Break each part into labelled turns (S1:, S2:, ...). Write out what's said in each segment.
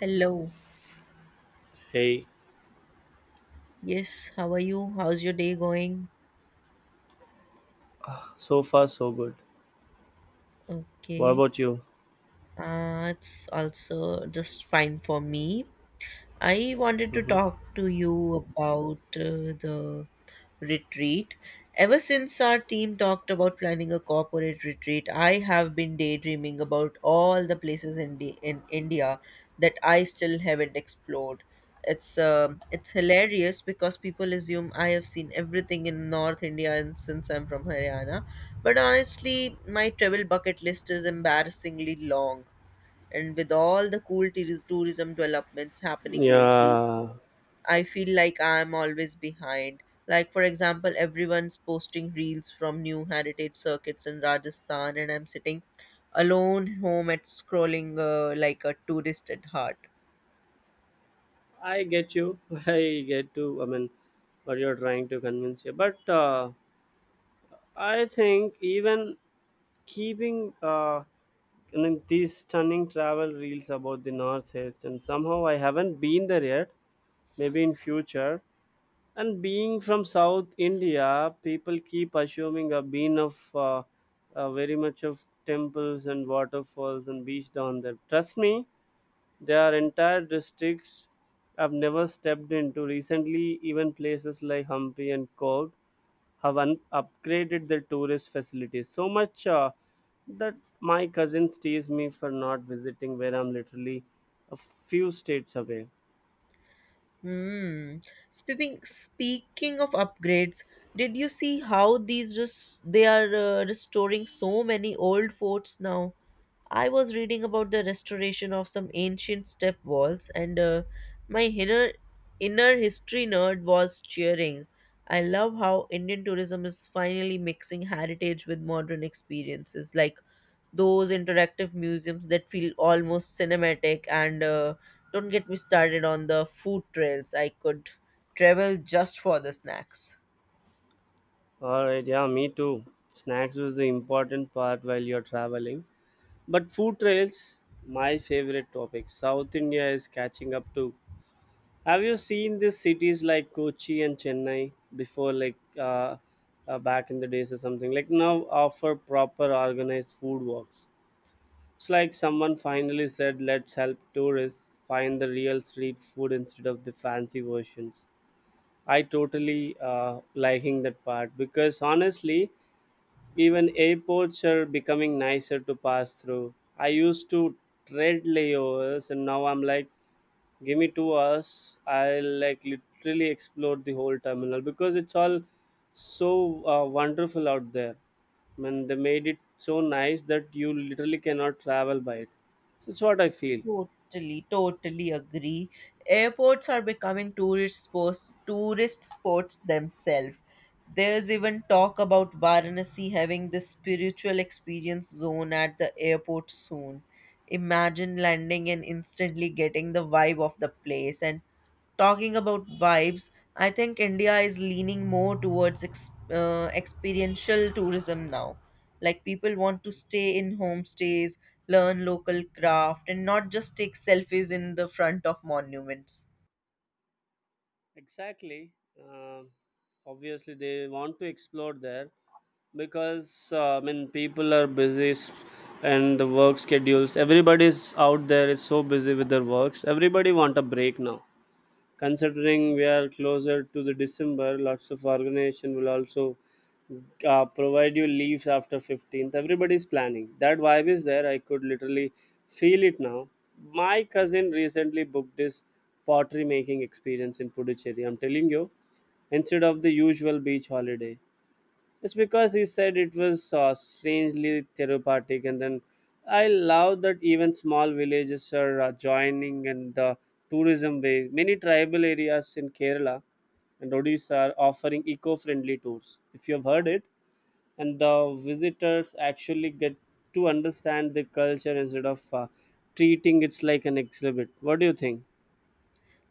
S1: Hello.
S2: Hey,
S1: Yes, how are you? How's your day going?
S2: so far so good. What
S1: Okay.
S2: about you?
S1: It's also just fine for me. I wanted to
S2: hmm
S1: talk to you about the retreat. Ever since our team talked about planning a corporate retreat, I have been daydreaming about all the places in India that I still haven't explored. It's hilarious because people assume I have seen everything in North India and since I'm from Haryana, but honestly, my travel bucket list is embarrassingly long, and with all the cool tourism developments happening lately
S2: Yeah,
S1: I feel like I'm always behind. Like, for example, everyone's posting reels from new heritage circuits in Rajasthan, and I'm sitting alone home at scrolling like a tourist at heart.
S2: I get you. I get to. I mean, what you're trying to convince you, but I think even keeping I mean, these stunning travel reels about the North East, and somehow I haven't been there yet. Maybe in future. And being from South India, people keep assuming I've been of very much of temples and waterfalls and beach down there. Trust me, there are entire districts I've never stepped into. Recently, even places like Hampi and Cork have upgraded their tourist facilities so much that my cousins tease me for not visiting where I'm literally a few states away.
S1: Hmm. Speaking of upgrades, did you see how they are restoring so many old forts now? I was reading about the restoration of some ancient step walls, and my inner history nerd was cheering. I love how Indian tourism is finally mixing heritage with modern experiences. Like those interactive museums that feel almost cinematic, and don't get me started on the food trails. I could travel just for the snacks.
S2: Alright, yeah, me too. Snacks was the important part while you're traveling. But food trails, my favorite topic. South India is catching up to. Have you seen these cities like Kochi and Chennai before, like back in the days or something? Like now offer proper organized food walks. It's like someone finally said, let's help tourists find the real street food instead of the fancy versions. I totally liking that part because honestly, even airports are becoming nicer to pass through. I used to tread layovers and now I'm like give me 2 hours, I'll like literally explore the whole terminal because it's all so wonderful out there. I mean they made it so nice that you literally cannot travel by it, so it's what I feel
S1: Totally agree. Airports are becoming tourist sports themselves. There's even talk about Varanasi having this spiritual experience zone at the airport soon. Imagine landing and instantly getting the vibe of the place. And talking about vibes, I think India is leaning more towards experiential tourism now. Like, people want to stay in homestays, learn local craft, and not just take selfies in the front of monuments.
S2: exactly. Um Obviously they want to explore there because I mean people are busy, and the work schedules everybody's out there is so busy with their works, everybody want a break now. Considering we are closer to the December, lots of organization will also provide you leaves after 15th. Everybody's planning. That vibe is there. I could literally feel it now. My cousin recently booked this pottery making experience in Puducherry. I'm telling you, instead of the usual beach holiday. It's because he said it was strangely therapeutic, and then I love that even small villages are joining in the tourism way. Many tribal areas in Kerala and Odisha are offering eco-friendly tours. If you have heard it, and the visitors actually get to understand the culture instead of treating it like an exhibit. What do you think?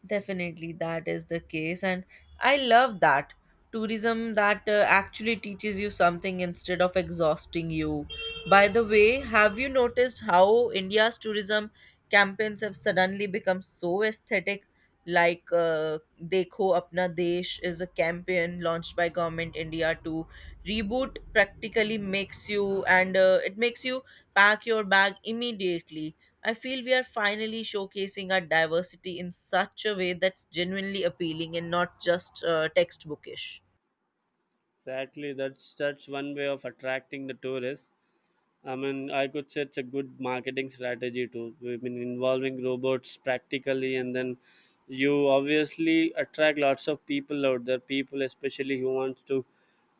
S1: Definitely, that is the case, and I love that tourism that actually teaches you something instead of exhausting you. By the way, have you noticed how India's tourism campaigns have suddenly become so aesthetic? Like "Dekho Apna Desh" is a campaign launched by Government India to reboot. Practically makes you, and it makes you pack your bag immediately. I feel we are finally showcasing our diversity in such a way that's genuinely appealing and not just textbookish.
S2: Exactly, that's one way of attracting the tourists. I mean, I could say it's a good marketing strategy too. I mean, involving robots practically, and then you obviously attract lots of people out there. People, especially who wants to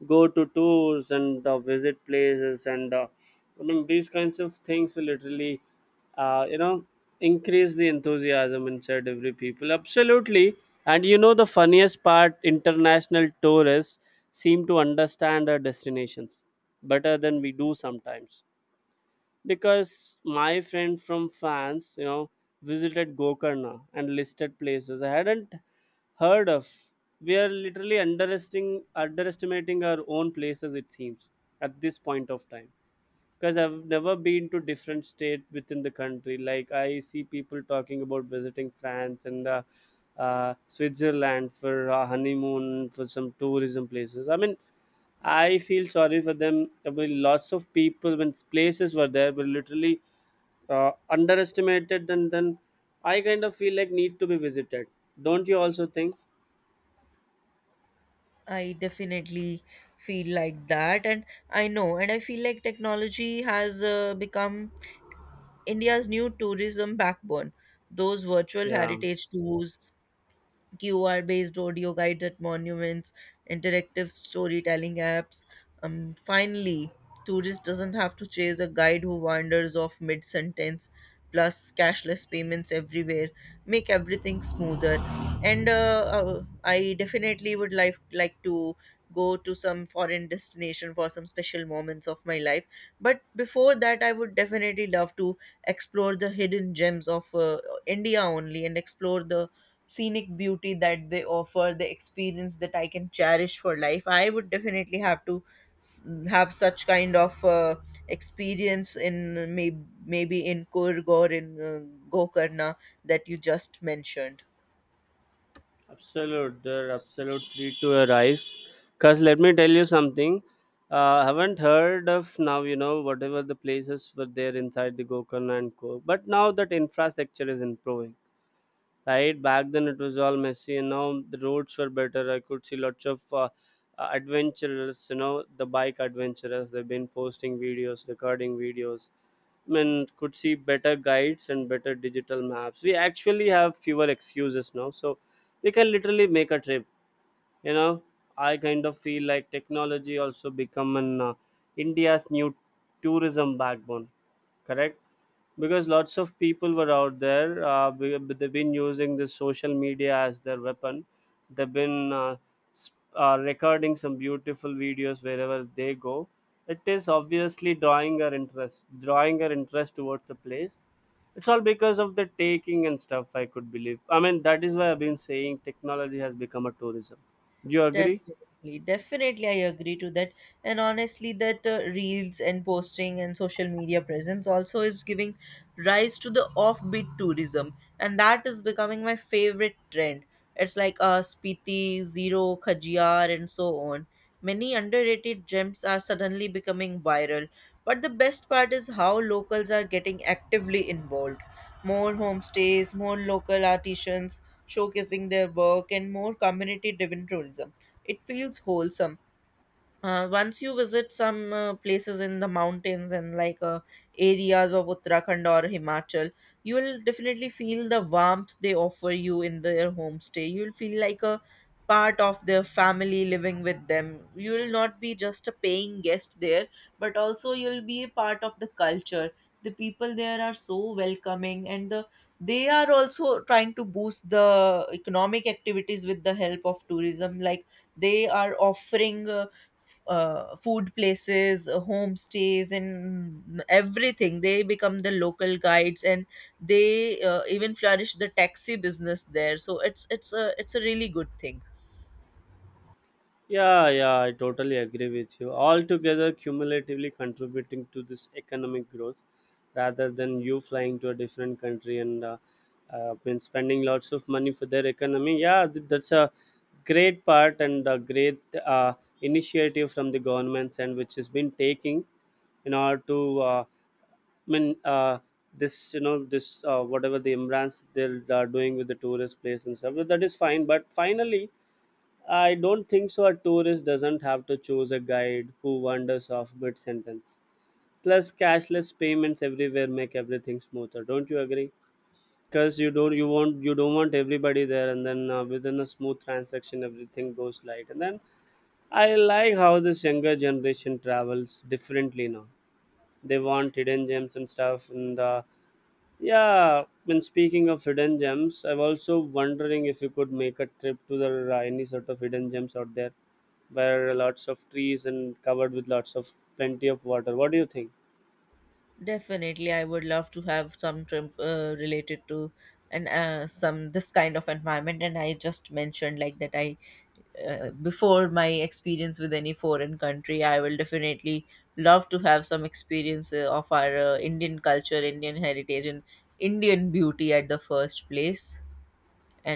S2: go to tours and visit places, and I mean, these kinds of things will literally, uh, you know, increase the enthusiasm inside every people. Absolutely, and you know, the funniest part: international tourists seem to understand our destinations better than we do sometimes because my friend from France, you know, visited Gokarna and listed places I hadn't heard of. We are literally underestimating our own places. It seems at this point of time because I've never been to different state within the country. Like I see people talking about visiting France and Switzerland for honeymoon for some tourism places. I mean, I feel sorry for them. I mean, lots of people when places were there were literally underestimated, and then I kind of feel like need to be visited. Don't you also think?
S1: I definitely feel like that, and I know, and I feel like technology has become India's new tourism backbone. Those virtual
S2: Yeah.
S1: heritage tours, QR based audio guides at monuments, interactive storytelling apps. Finally, tourist doesn't have to chase a guide who wanders off mid sentence. Plus, cashless payments everywhere make everything smoother. And I definitely would like to go to some foreign destination for some special moments of my life. But before that, I would definitely love to explore the hidden gems of India only and explore the scenic beauty that they offer, the experience that I can cherish for life. I would definitely have to have such kind of experience in maybe in Kurg or in Gokarna that you just mentioned.
S2: Absolute, there. Are absolute three to a rise. Cause let me tell you something. Haven't heard of now. You know, whatever the places were there inside the Gokarna and Co. But now that infrastructure is improving. Right back then it was all messy and now the roads were better, I could see lots of adventurers, you know, the bike adventurers, they've been posting videos, recording videos. I mean, could see better guides and better digital maps, we actually have fewer excuses now, so we can literally make a trip, you know. I kind of feel like technology also become an india's new tourism backbone, correct, because lots of people were out there but they've been using this social media as their weapon. They've been recording some beautiful videos wherever they go. It is obviously drawing our interest towards the place. It's all because of the taking and stuff, I could believe. I mean, that is why I've been saying technology has become a tourism. Do you agree?
S1: Definitely, definitely, I agree to that. And honestly, that reels and posting and social media presence also is giving rise to the offbeat tourism, and that is becoming my favorite trend. It's like Spiti, Zero, Khajiar, and so on. Many underrated gems are suddenly becoming viral, but the best part is how locals are getting actively involved. More homestays, more local artisans showcasing their work, and more community driven tourism. It feels wholesome. Once you visit some places in the mountains and like areas of Uttarakhand or Himachal, you will definitely feel the warmth they offer you in their homestay. You will feel like a part of their family living with them. You will not be just a paying guest there, but also you will be a part of the culture. The people there are so welcoming, and they are also trying to boost the economic activities with the help of tourism. Like, they are offering food places, homestays, and everything. They become the local guides, and they even flourish the taxi business there. So it's a really good thing.
S2: Yeah, yeah, I totally agree with you. Altogether, cumulatively contributing to this economic growth rather than you flying to a different country and been spending lots of money for their economy. Yeah, that's a great part and a great initiative from the government's, and which has been taking in order to I mean this, you know, this whatever the imbrance they're doing with the tourist place and stuff, that is fine, but finally I don't think so. A tourist doesn't have to choose a guide who wanders off mid sentence. Plus, cashless payments everywhere make everything smoother. Don't you agree? Because you don't, you want, you don't want everybody there, and then within a smooth transaction, everything goes light. And then I like how this younger generation travels differently now. They want hidden gems and stuff, and yeah, when speaking of hidden gems, I'm also wondering if you could make a trip to the any sort of hidden gems out there, where lots of trees and covered with lots of plenty of water. What do you think?
S1: Definitely, I would love to have some trim related to, and some this kind of environment. And I just mentioned like that I before my experience with any foreign country, I will definitely love to have some experience of our Indian culture, Indian heritage, and Indian beauty at the first place,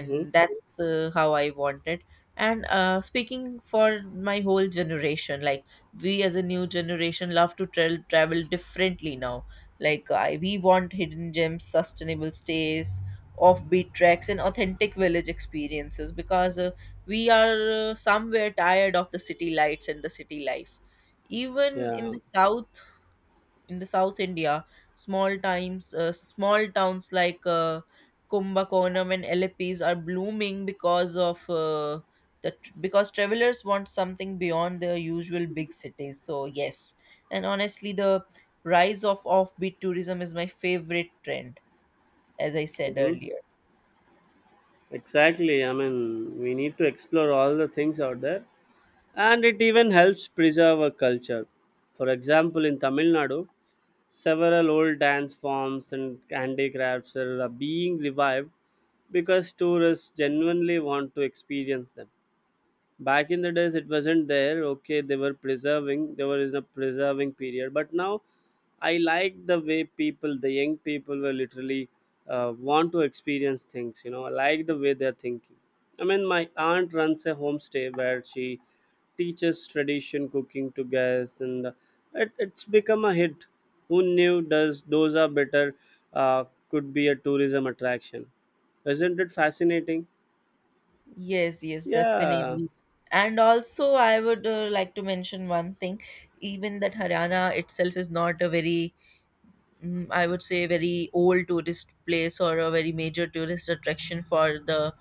S2: Mm-hmm.
S1: that's how I want it. And speaking for my whole generation, like we as a new generation love to travel differently now. Like we want hidden gems, sustainable stays, offbeat tracks, and authentic village experiences, because we are somewhere tired of the city lights and the city life. Even in
S2: Yeah.
S1: the south, in the South India, small towns like Kumbakonam and Ellipes are blooming because of the because travelers want something beyond their usual big cities. So yes, and honestly, the rise of offbeat tourism is my favorite trend, as I said
S2: Mm-hmm.
S1: earlier.
S2: Exactly. I mean, we need to explore all the things out there, and it even helps preserve a culture. For example, in Tamil Nadu, several old dance forms and handicrafts are being revived because tourists genuinely want to experience them. Back in the days it wasn't there, okay, they were preserving, there was a preserving period, but now I like the way people, the young people were literally want to experience things, you know, I like the way they're thinking. I mean my aunt runs a homestay where she teaches tradition cooking to guests, and it's become a hit. Who knew does those are better uh, could be a tourism attraction. Isn't it fascinating?
S1: Yes, yes,
S2: Yeah,
S1: definitely. And also, I would like to mention one thing, even that Haryana itself is not a very I would say, very old tourist place or a very major tourist attraction for the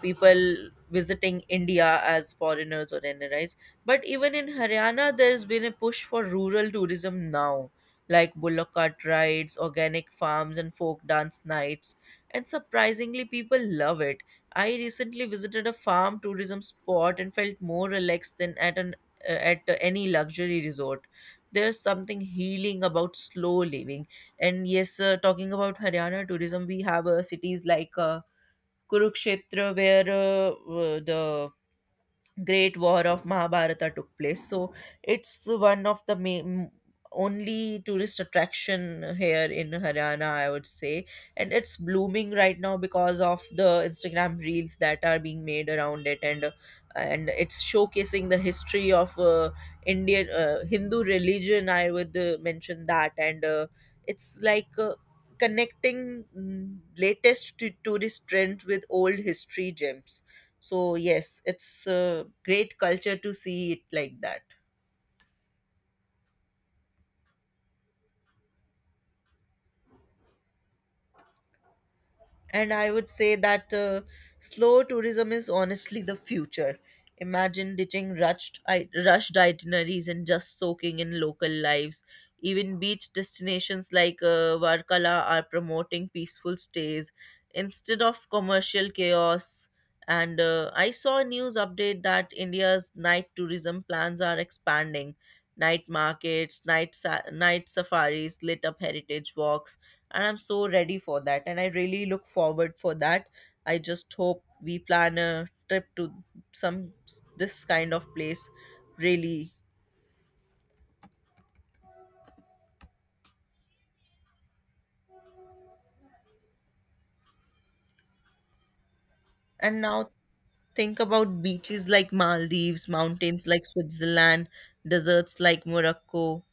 S1: people visiting India as foreigners or NRIs. But even in Haryana, there's been a push for rural tourism now, like bullock cart rides, organic farms, and folk dance nights. And surprisingly, people love it. I recently visited a farm tourism spot and felt more relaxed than at an at any luxury resort. There's something healing about slow living. And yes, talking about Haryana tourism, we have cities like Kurukshetra, where the great war of Mahabharata took place. So it's one of the main only tourist attraction here in Haryana, I would say, and it's blooming right now because of the Instagram reels that are being made around it, and it's showcasing the history of Indian Hindu religion. I would mention that, and it's like. Connecting latest tourist trends with old history gems. So yes, it's a great culture to see it like that. And I would say that slow tourism is honestly the future. Imagine ditching rushed itineraries and just soaking in local lives. Even beach destinations like Varkala are promoting peaceful stays instead of commercial chaos. And I saw a news update that India's night tourism plans are expanding. Night markets, night safaris, lit up heritage walks, and I'm so ready for that. And I really look forward for that. I just hope we plan a trip to some this kind of place, really. And now think about beaches like Maldives, mountains like Switzerland, deserts like Morocco.